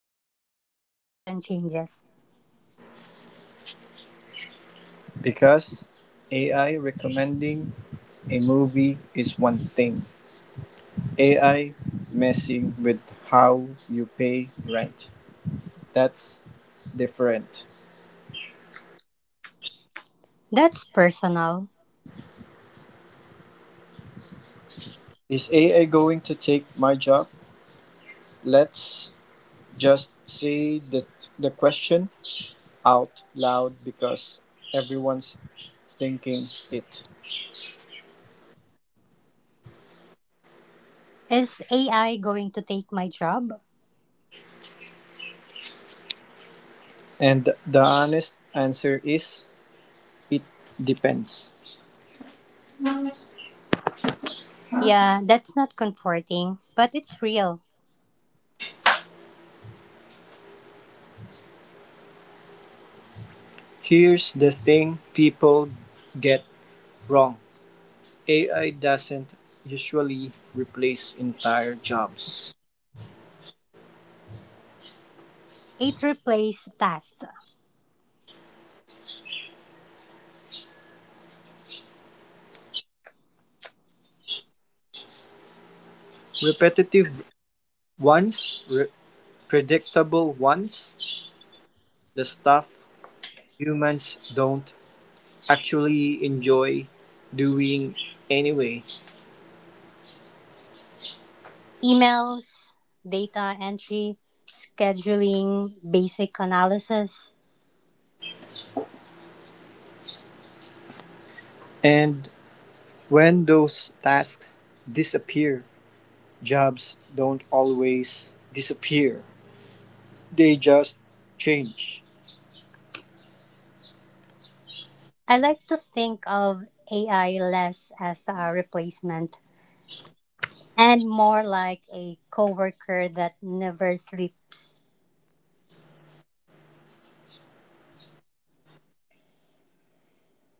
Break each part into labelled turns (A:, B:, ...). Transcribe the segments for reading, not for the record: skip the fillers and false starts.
A: where the conversation changes.
B: Because AI recommending a movie is one thing, AI messing with how you pay rent, that's different.
A: That's personal.
B: Is AI going to take my job? Let's just say the question out loud because everyone's thinking it.
A: Is AI going to take my job?
B: And the honest answer is it depends.
A: Yeah, that's not comforting, but it's real.
B: Here's the thing people get wrong. AI doesn't usually replace entire jobs.
A: It replaced tasks,
B: Repetitive ones, predictable ones, the stuff humans don't actually enjoy doing anyway.
A: emails, data entry, scheduling, basic analysis.
B: And when those tasks disappear, jobs don't always disappear. They just change.
A: I like to think of AI less as a replacement and more like a coworker that never sleeps.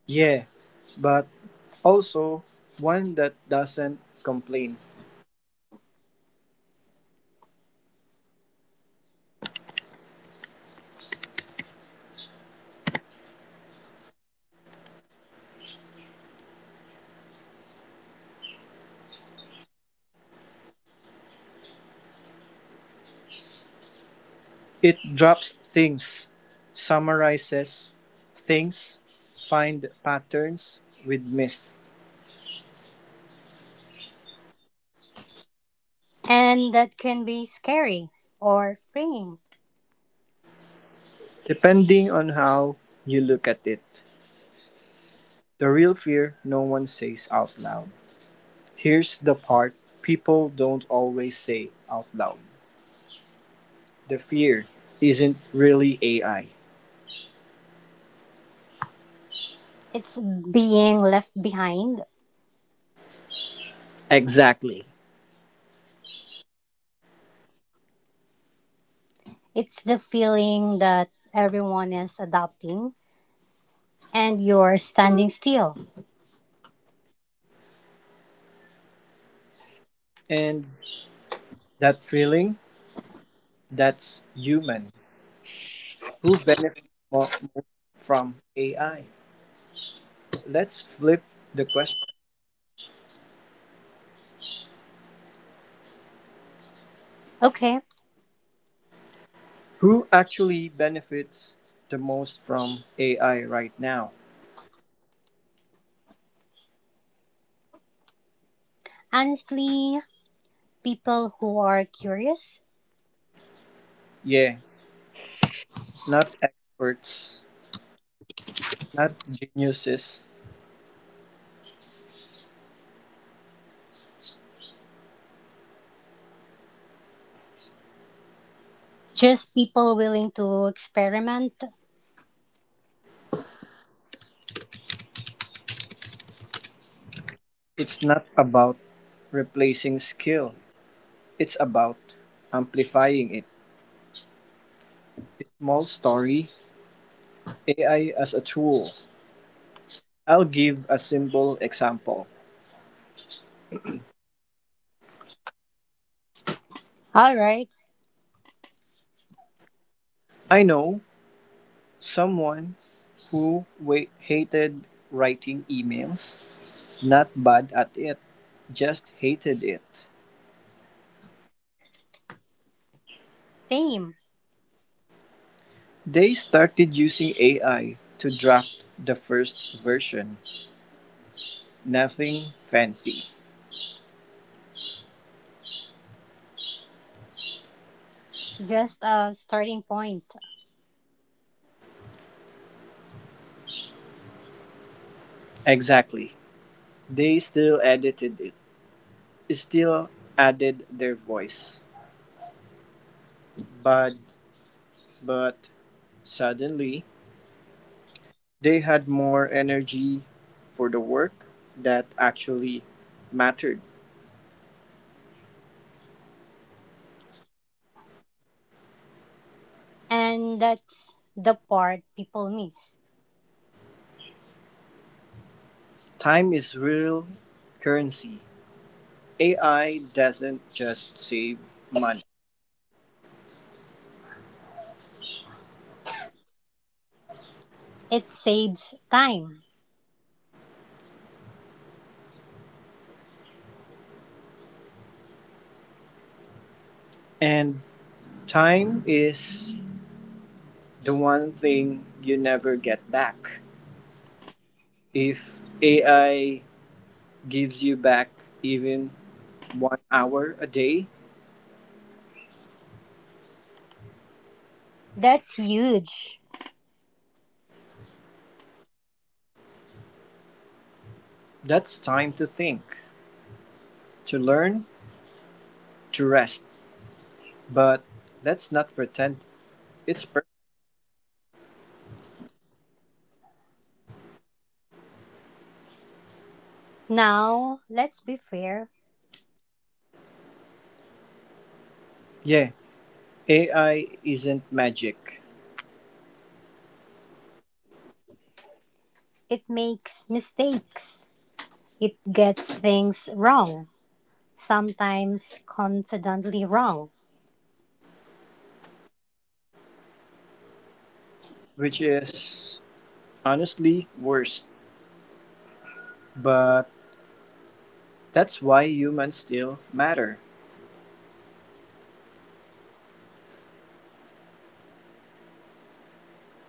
B: Yeah, but also one that doesn't complain. It drops things, summarizes things, find patterns with myths,
A: And that can be scary or freeing.
B: depending on how you look at it. The real fear no one says out loud. Here's the part people don't always say out loud. The fear isn't really AI.
A: It's being left behind.
B: Exactly.
A: It's the feeling that everyone is adopting and you're standing still.
B: And that feeling, that's human. Who benefits more from AI? Let's flip the question.
A: Okay,
B: Who actually benefits the most from AI right now?
A: honestly, people who are curious,
B: Yeah, not experts, not geniuses.
A: just people willing to experiment.
B: It's not about replacing skill, it's about amplifying it. A small story: AI as a tool. I'll give a simple example.
A: All right,
B: I know someone who hated writing emails, not bad at it, just hated it.
A: same,
B: They started using AI to draft the first version. Nothing fancy.
A: just a starting point.
B: Exactly. They still edited it, still added their voice. But, but suddenly, they had more energy for the work that actually mattered.
A: And that's the part people miss.
B: Time is real currency. AI doesn't just save money.
A: It saves time.
B: And time is the one thing you never get back. If AI gives you back even 1 hour a day,
A: That's huge.
B: that's time to think, to learn, to rest. But let's not pretend it's perfect.
A: Now, let's be fair,
B: Yeah, AI isn't magic,
A: it makes mistakes. It gets things wrong, sometimes confidently wrong.
B: which is honestly worse. But that's why humans still matter.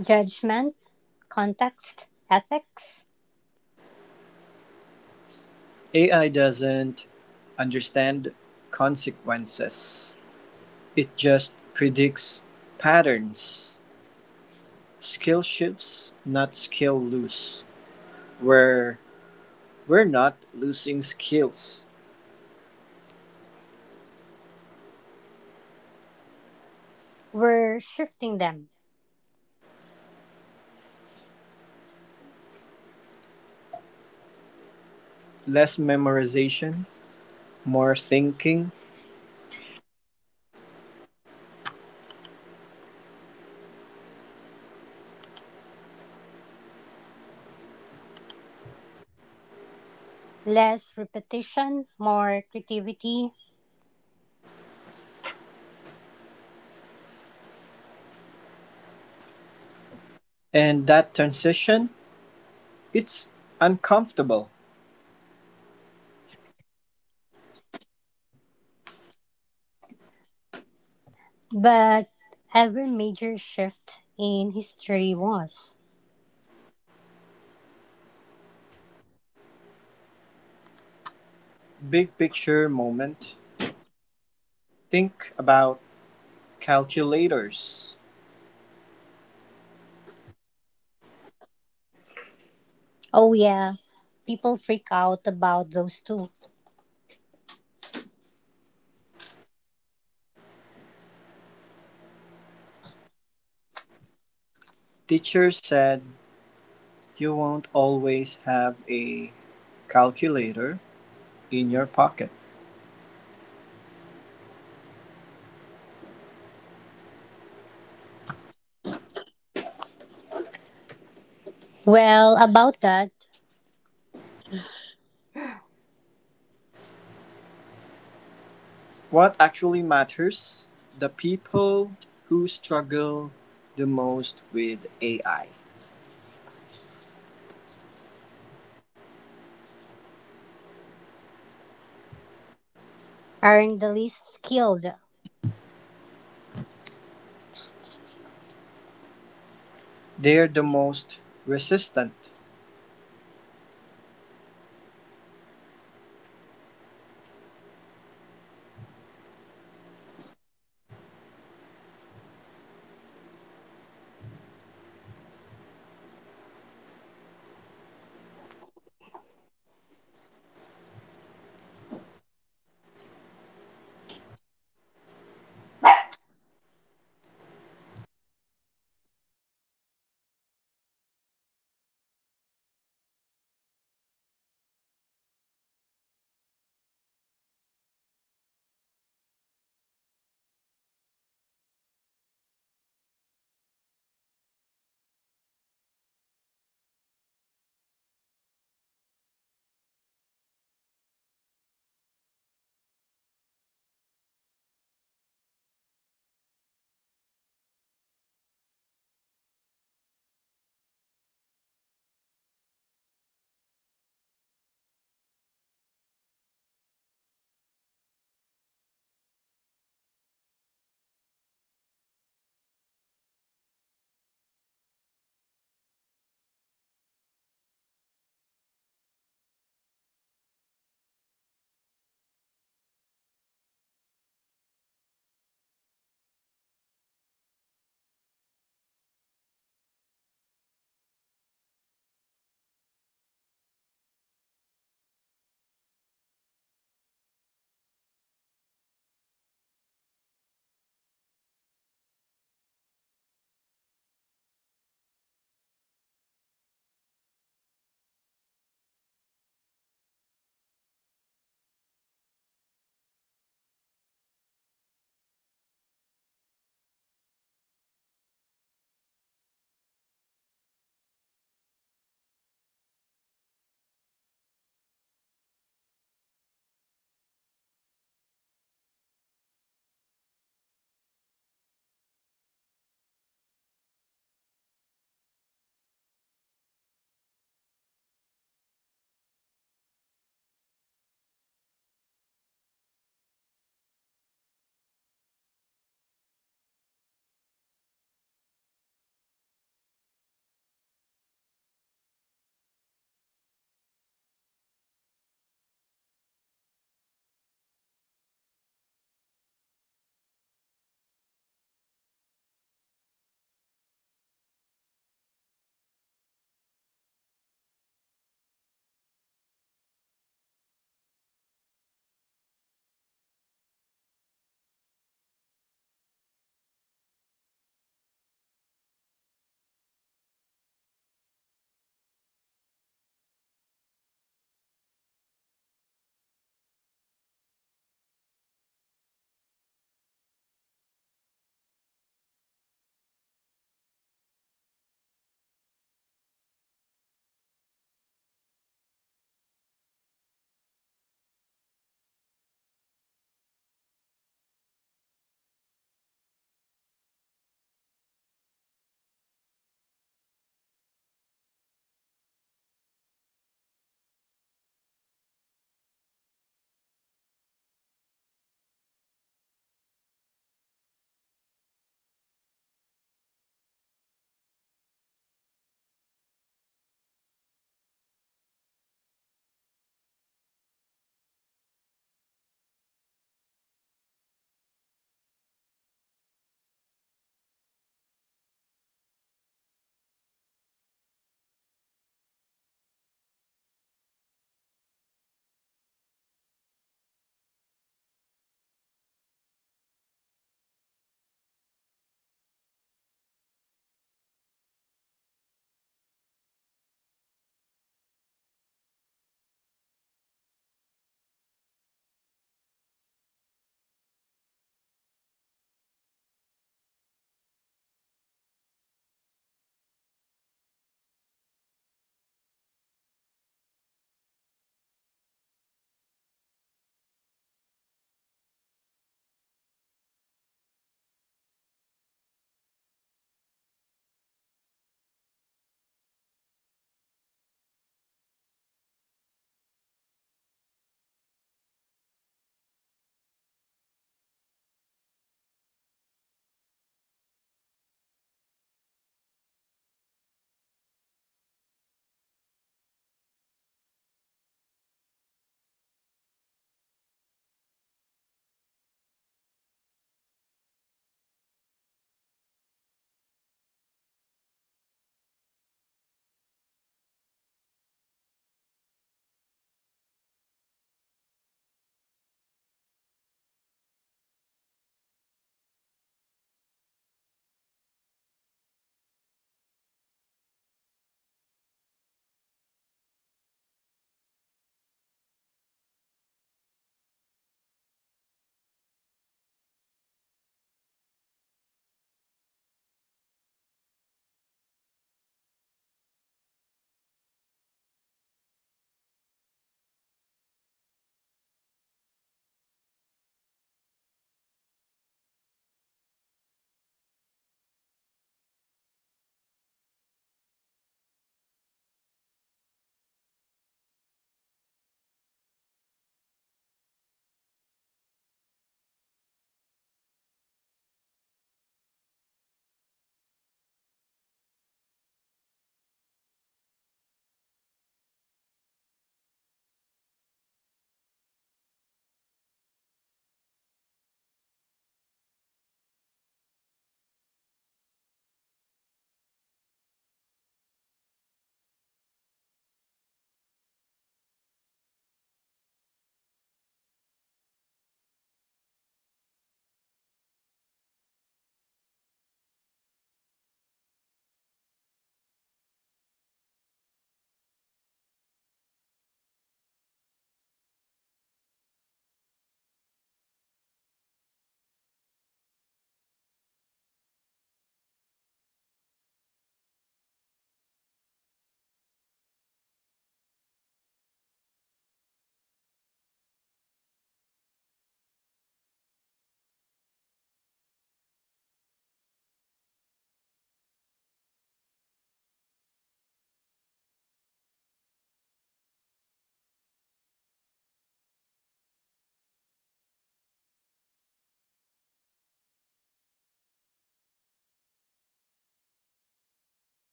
A: Judgment, context, ethics,
B: AI doesn't understand consequences. It just predicts patterns. Skill shifts, not skill lose. Where we're not losing skills.
A: we're shifting them.
B: Less memorization, more thinking.
A: Less repetition, more creativity.
B: And that transition, it's uncomfortable.
A: But every major shift in history was.
B: Big picture moment. Think about calculators.
A: Oh, yeah, people freak out about those two.
B: Teacher said you won't always have a calculator in your pocket.
A: Well, about that,
B: What actually matters? The people who struggle the most with AI.
A: aren't the least skilled.
B: They're the most resistant,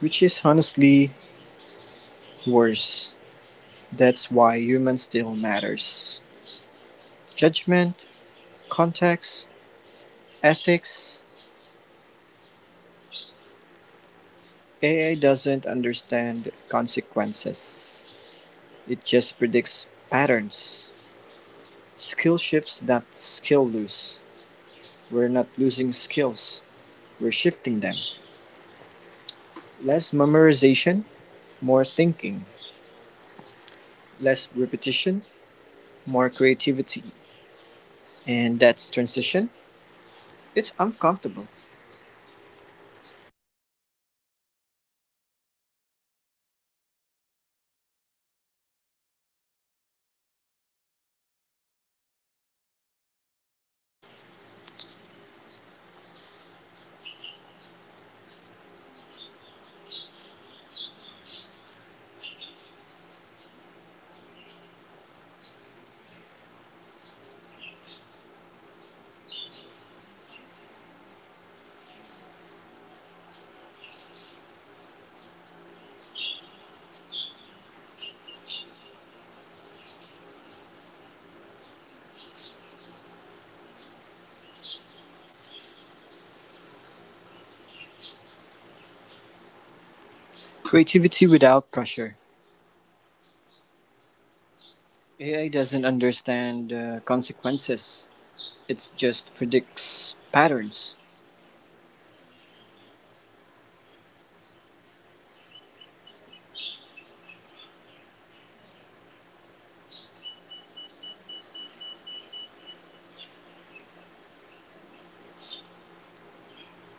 B: which is honestly worse. That's why human still matters. Judgment, context, ethics. AI doesn't understand consequences. It just predicts patterns. Skill shifts, not skill lose. We're not losing skills, we're shifting them. Less memorization, more thinking, less repetition, more creativity. And that's transition. It's uncomfortable. Creativity without pressure. AI doesn't understand consequences, it just predicts patterns.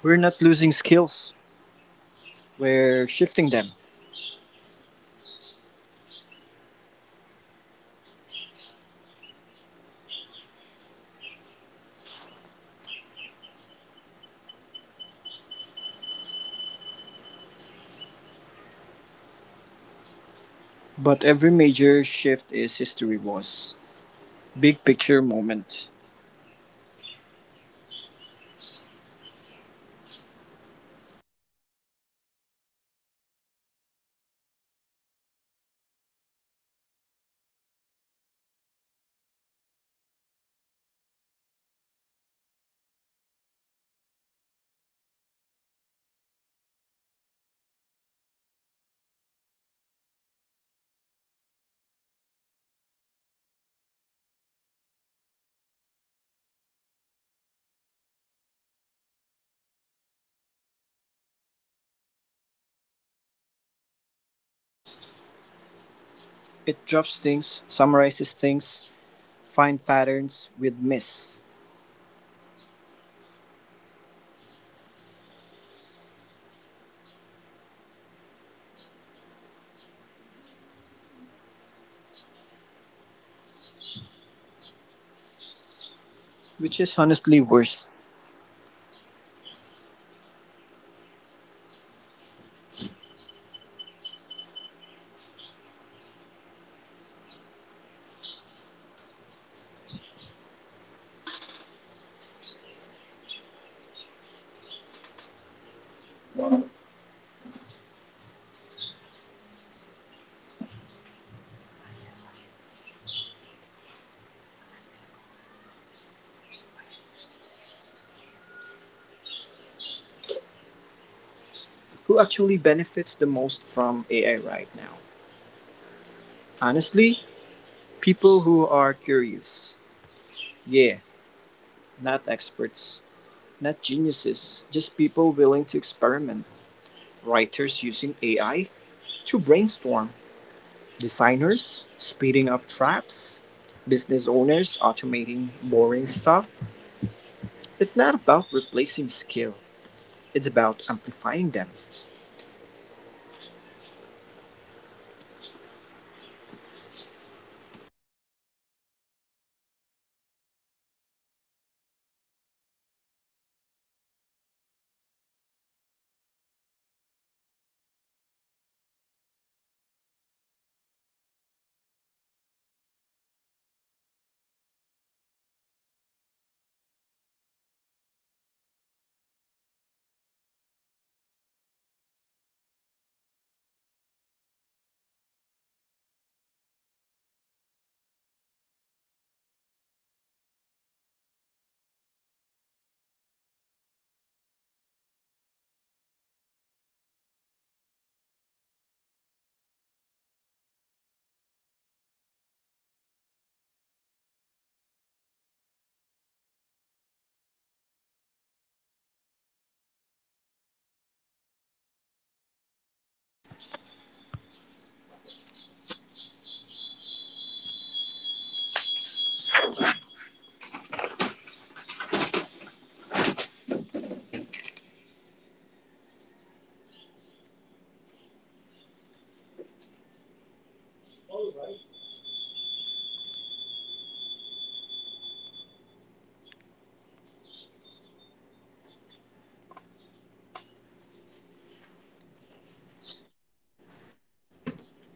B: We're not losing skills, we're shifting them. But every major shift is history was. Big picture moment. It drops things, summarizes things, find patterns with miss, which is honestly worse. Who actually benefits the most from AI right now? Honestly, people who are curious. Yeah, not experts, not geniuses, just people willing to experiment. Writers using AI to brainstorm, designers speeding up drafts, business owners automating boring stuff. It's not about replacing skill, it's about amplifying them.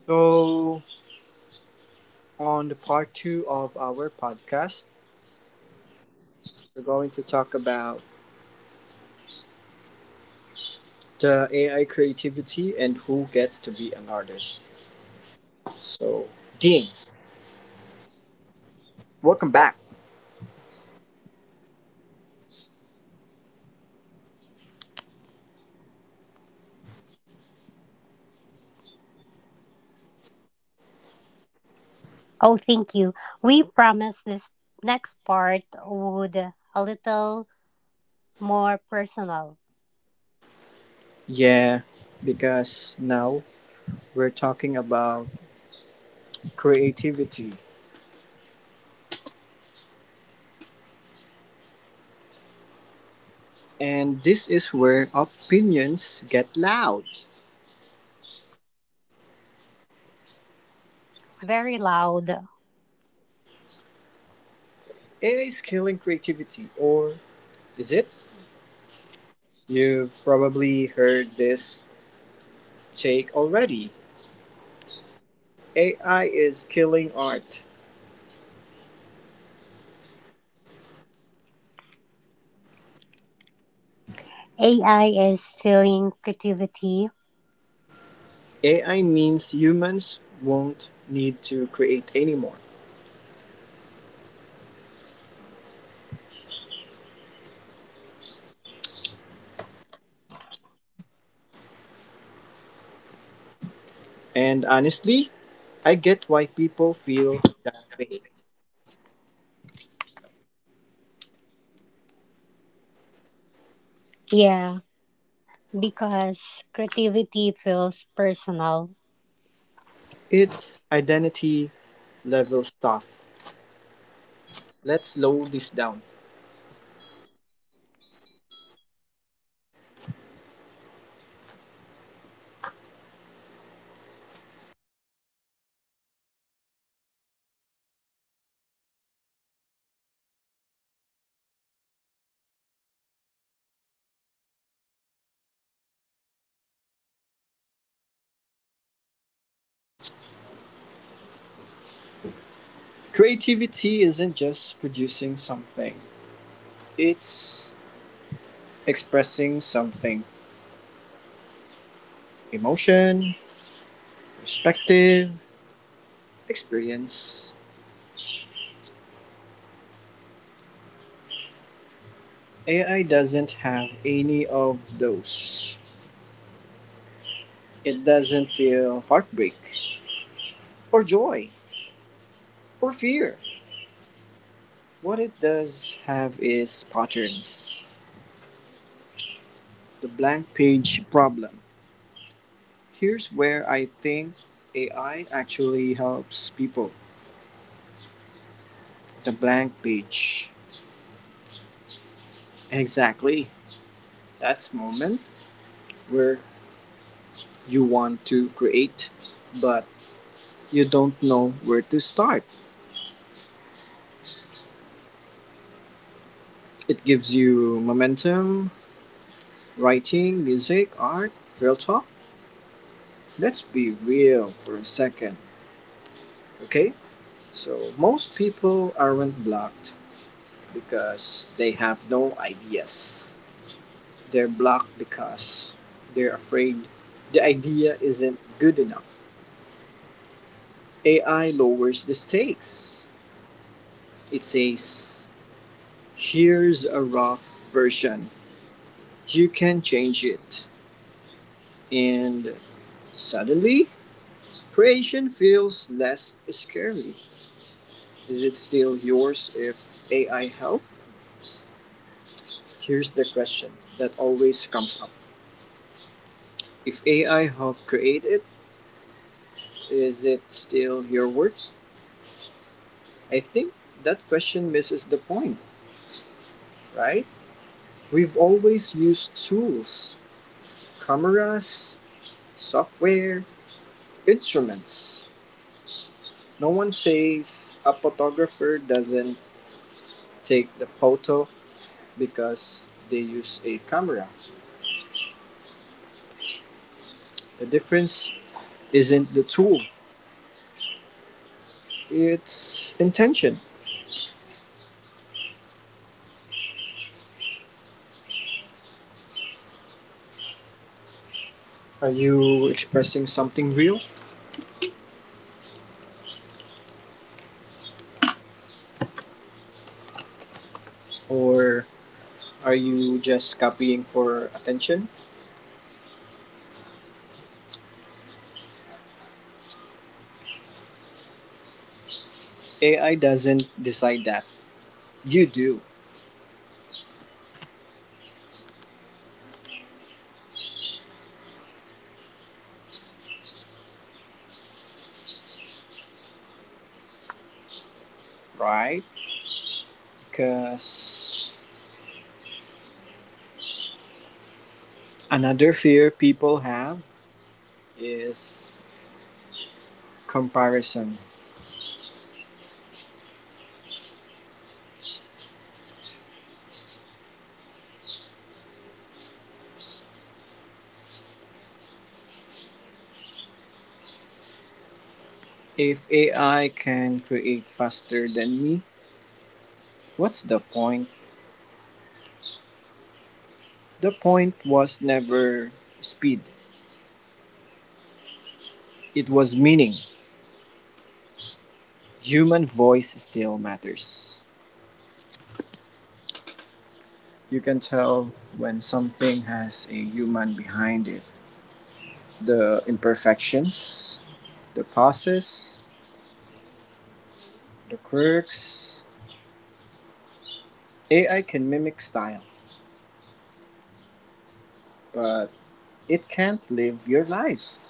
B: So, on the part 2 of our podcast, we're going to talk about the AI creativity and who gets to be an artist. So, Dean, welcome back.
A: Oh, thank you. We promised this next part would a little more personal,
B: Yeah, because now we're talking about creativity. And this is where opinions get loud.
A: very loud.
B: AI is killing creativity, or is it? You've probably heard this take already. AI is killing art.
A: AI is stealing creativity.
B: AI means humans won't need to create anymore. And honestly, I get why people feel that way.
A: Yeah, because creativity feels personal.
B: It's identity level stuff. Let's slow this down. Creativity isn't just producing something, it's expressing something: emotion, perspective, experience. AI doesn't have any of those. It doesn't feel heartbreak, or joy, or fear. What it does have is patterns. The blank page problem. Here's where I think AI actually helps people: the blank page. Exactly. That's the moment where you want to create but you don't know where to start. It gives you momentum, writing, music, art, real talk. Let's be real for a second, okay? So most people aren't blocked because they have no ideas. They're blocked because they're afraid the idea isn't good enough. AI lowers the stakes. It says, here's a rough version. You can change it. And suddenly, creation feels less scary. Is it still yours if AI help? Here's the question that always comes up. If AI helped create it, is it still your work? I think that question misses the point, right? We've always used tools: cameras, software, instruments. No one says a photographer doesn't take the photo because they use a camera. The difference isn't the tool, it's intention. Are you expressing something real, or are you just copying for attention? AI doesn't decide that. You do, right? Because another fear people have is comparison. If AI can create faster than me, what's the point? The point was never speed, it was meaning. Human voice still matters. You can tell when something has a human behind it. The imperfections, the pauses, the quirks. AI can mimic style, but it can't live your life.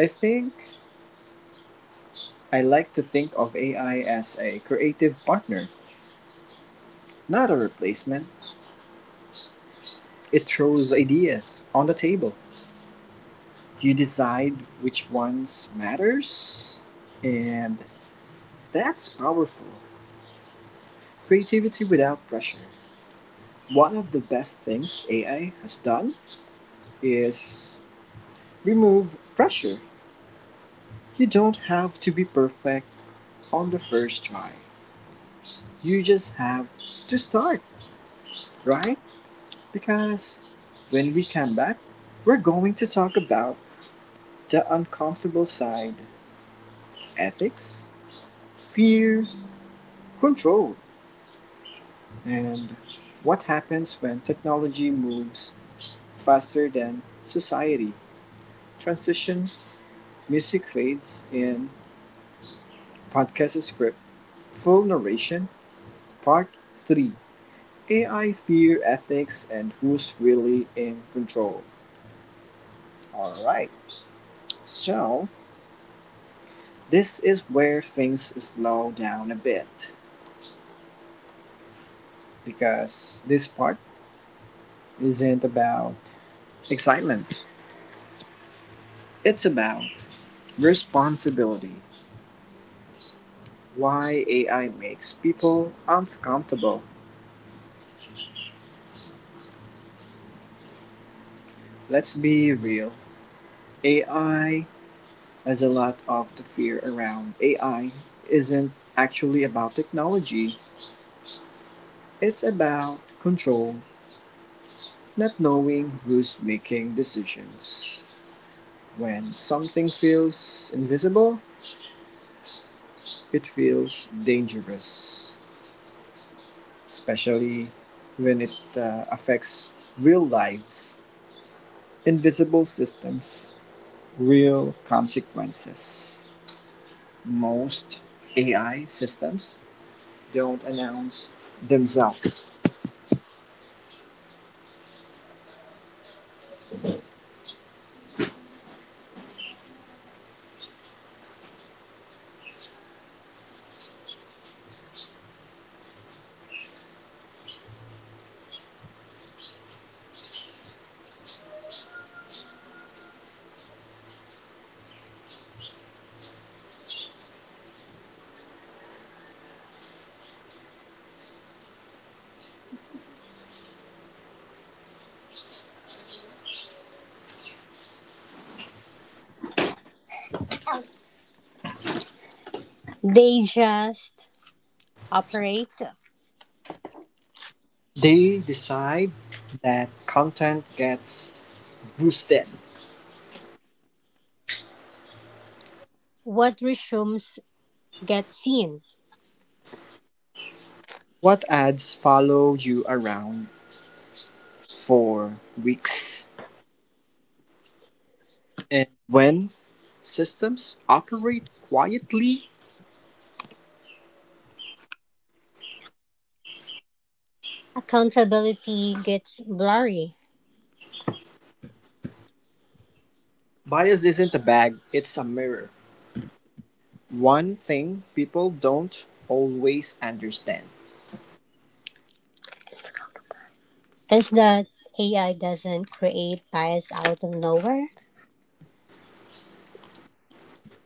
B: I think I like to think of AI as a creative partner, not a replacement. It throws ideas on the table. You decide which ones matters, and that's powerful. Creativity without pressure. One of the best things AI has done is remove pressure. You don't have to be perfect on the first try. You just have to start, right? Because when we come back, we're going to talk about the uncomfortable side: ethics, fear, control, and what happens when technology moves faster than society. Transition, music fades in, podcast script, full narration, part 3: AI fear ethics and who's really in control. Alright, so this is where things slow down a bit because this part isn't about excitement, it's about responsibility. Why AI makes people uncomfortable. Let's be real. AI has a lot of the fear around AI isn't actually about technology. It's about control, not knowing who's making decisions. When something feels invisible, it feels dangerous, especially when it affects real lives. Invisible systems, real consequences. Most AI systems don't announce themselves.
A: They just operate.
B: They decide that content gets boosted.
A: What resumes gets seen.
B: What ads follow you around for weeks? And when systems operate quietly,
A: Accountability gets blurry.
B: bias isn't a bag, it's a mirror. One thing people don't always understand:
A: Is that AI doesn't create bias out of nowhere?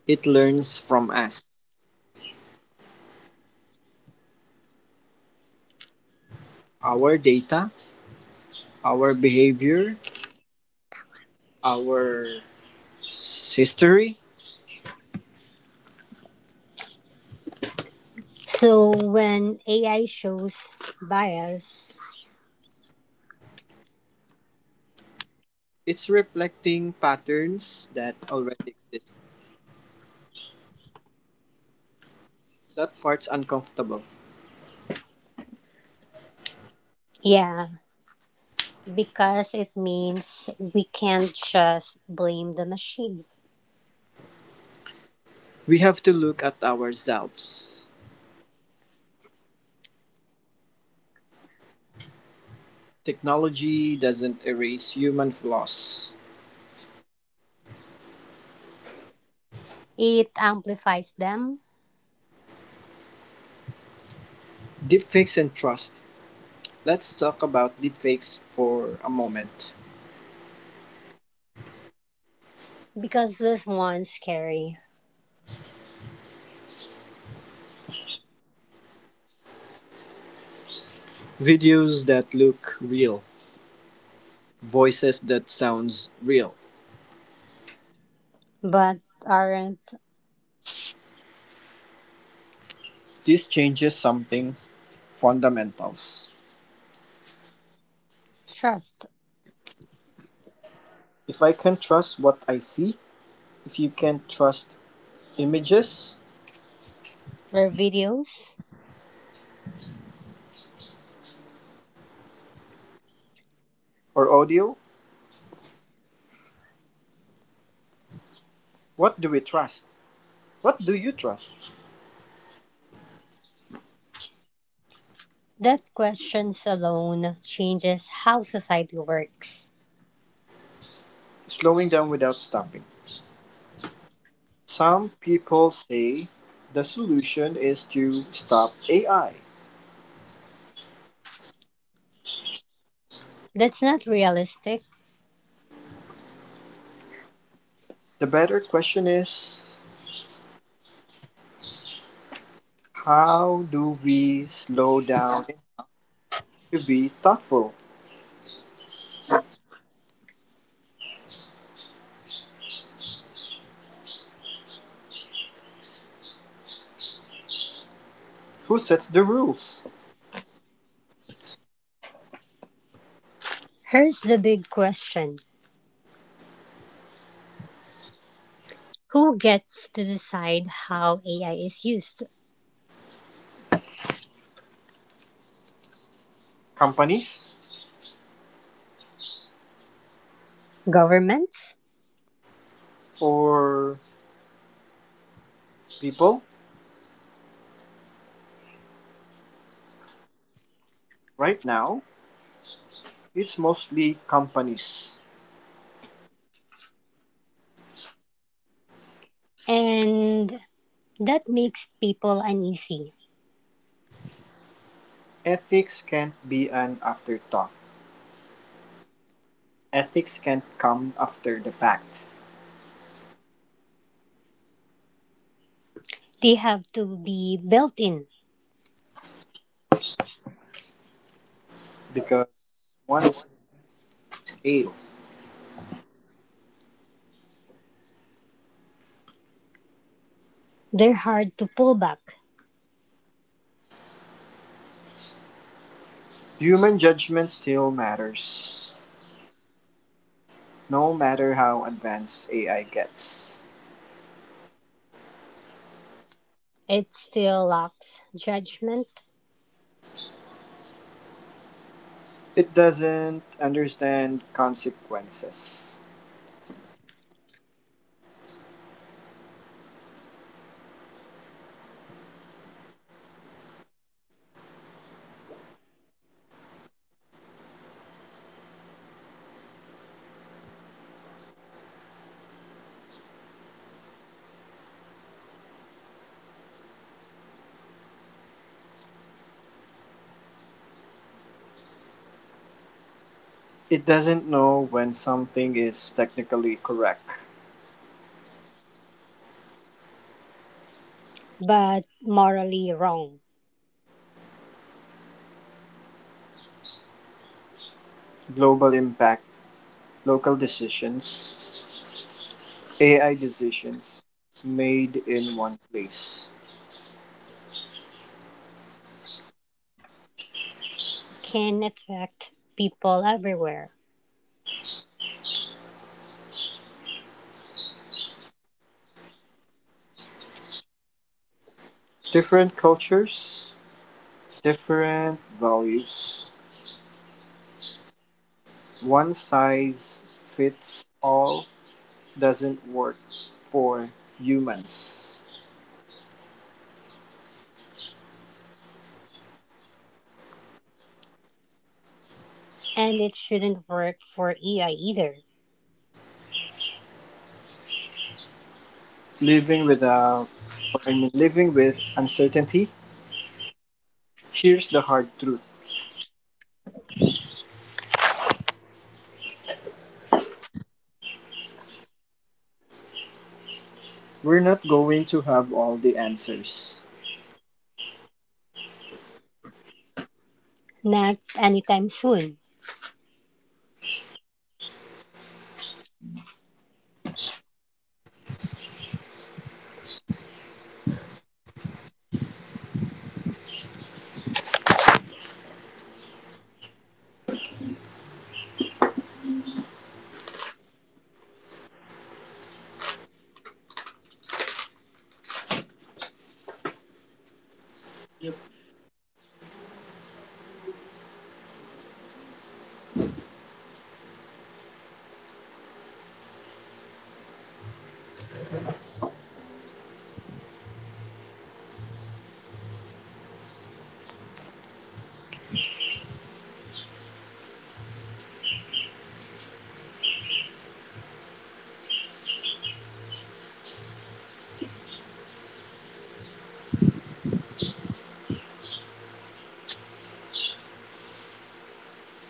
B: it learns from us. Our data, our behavior, our history,
A: So when AI shows bias,
B: it's reflecting patterns that already exist. That part's uncomfortable.
A: yeah, because it means we can't just blame the machine.
B: We have to look at ourselves. Technology doesn't erase human flaws.
A: It amplifies them
B: Deepfakes and trust. Let's talk about deepfakes for a moment.
A: because this one's scary,
B: Videos that look real, voices that sounds real.
A: but aren't
B: This changes something fundamentals.
A: trust.
B: If I can trust what I see, if you can't trust images
A: Their videos,
B: or audio, what do we trust? What do you trust?
A: that questions alone changes how society works.
B: Slowing down without stopping. Some people say the solution is to stop AI.
A: That's not realistic.
B: The better question is how do we slow down to be thoughtful? Who sets the rules?
A: Here's the big question. Who gets to decide how AI is used?
B: Companies
A: Governments?
B: or people? Right now, it's mostly companies.
A: And that makes people uneasy.
B: Ethics can't be an afterthought. Ethics can't come after the fact
A: They have to be built in.
B: because once it's scaled,
A: They're hard to pull back. It still lacks judgment, but morally wrong can affect people everywhere. And it shouldn't work for AI either. Not anytime soon.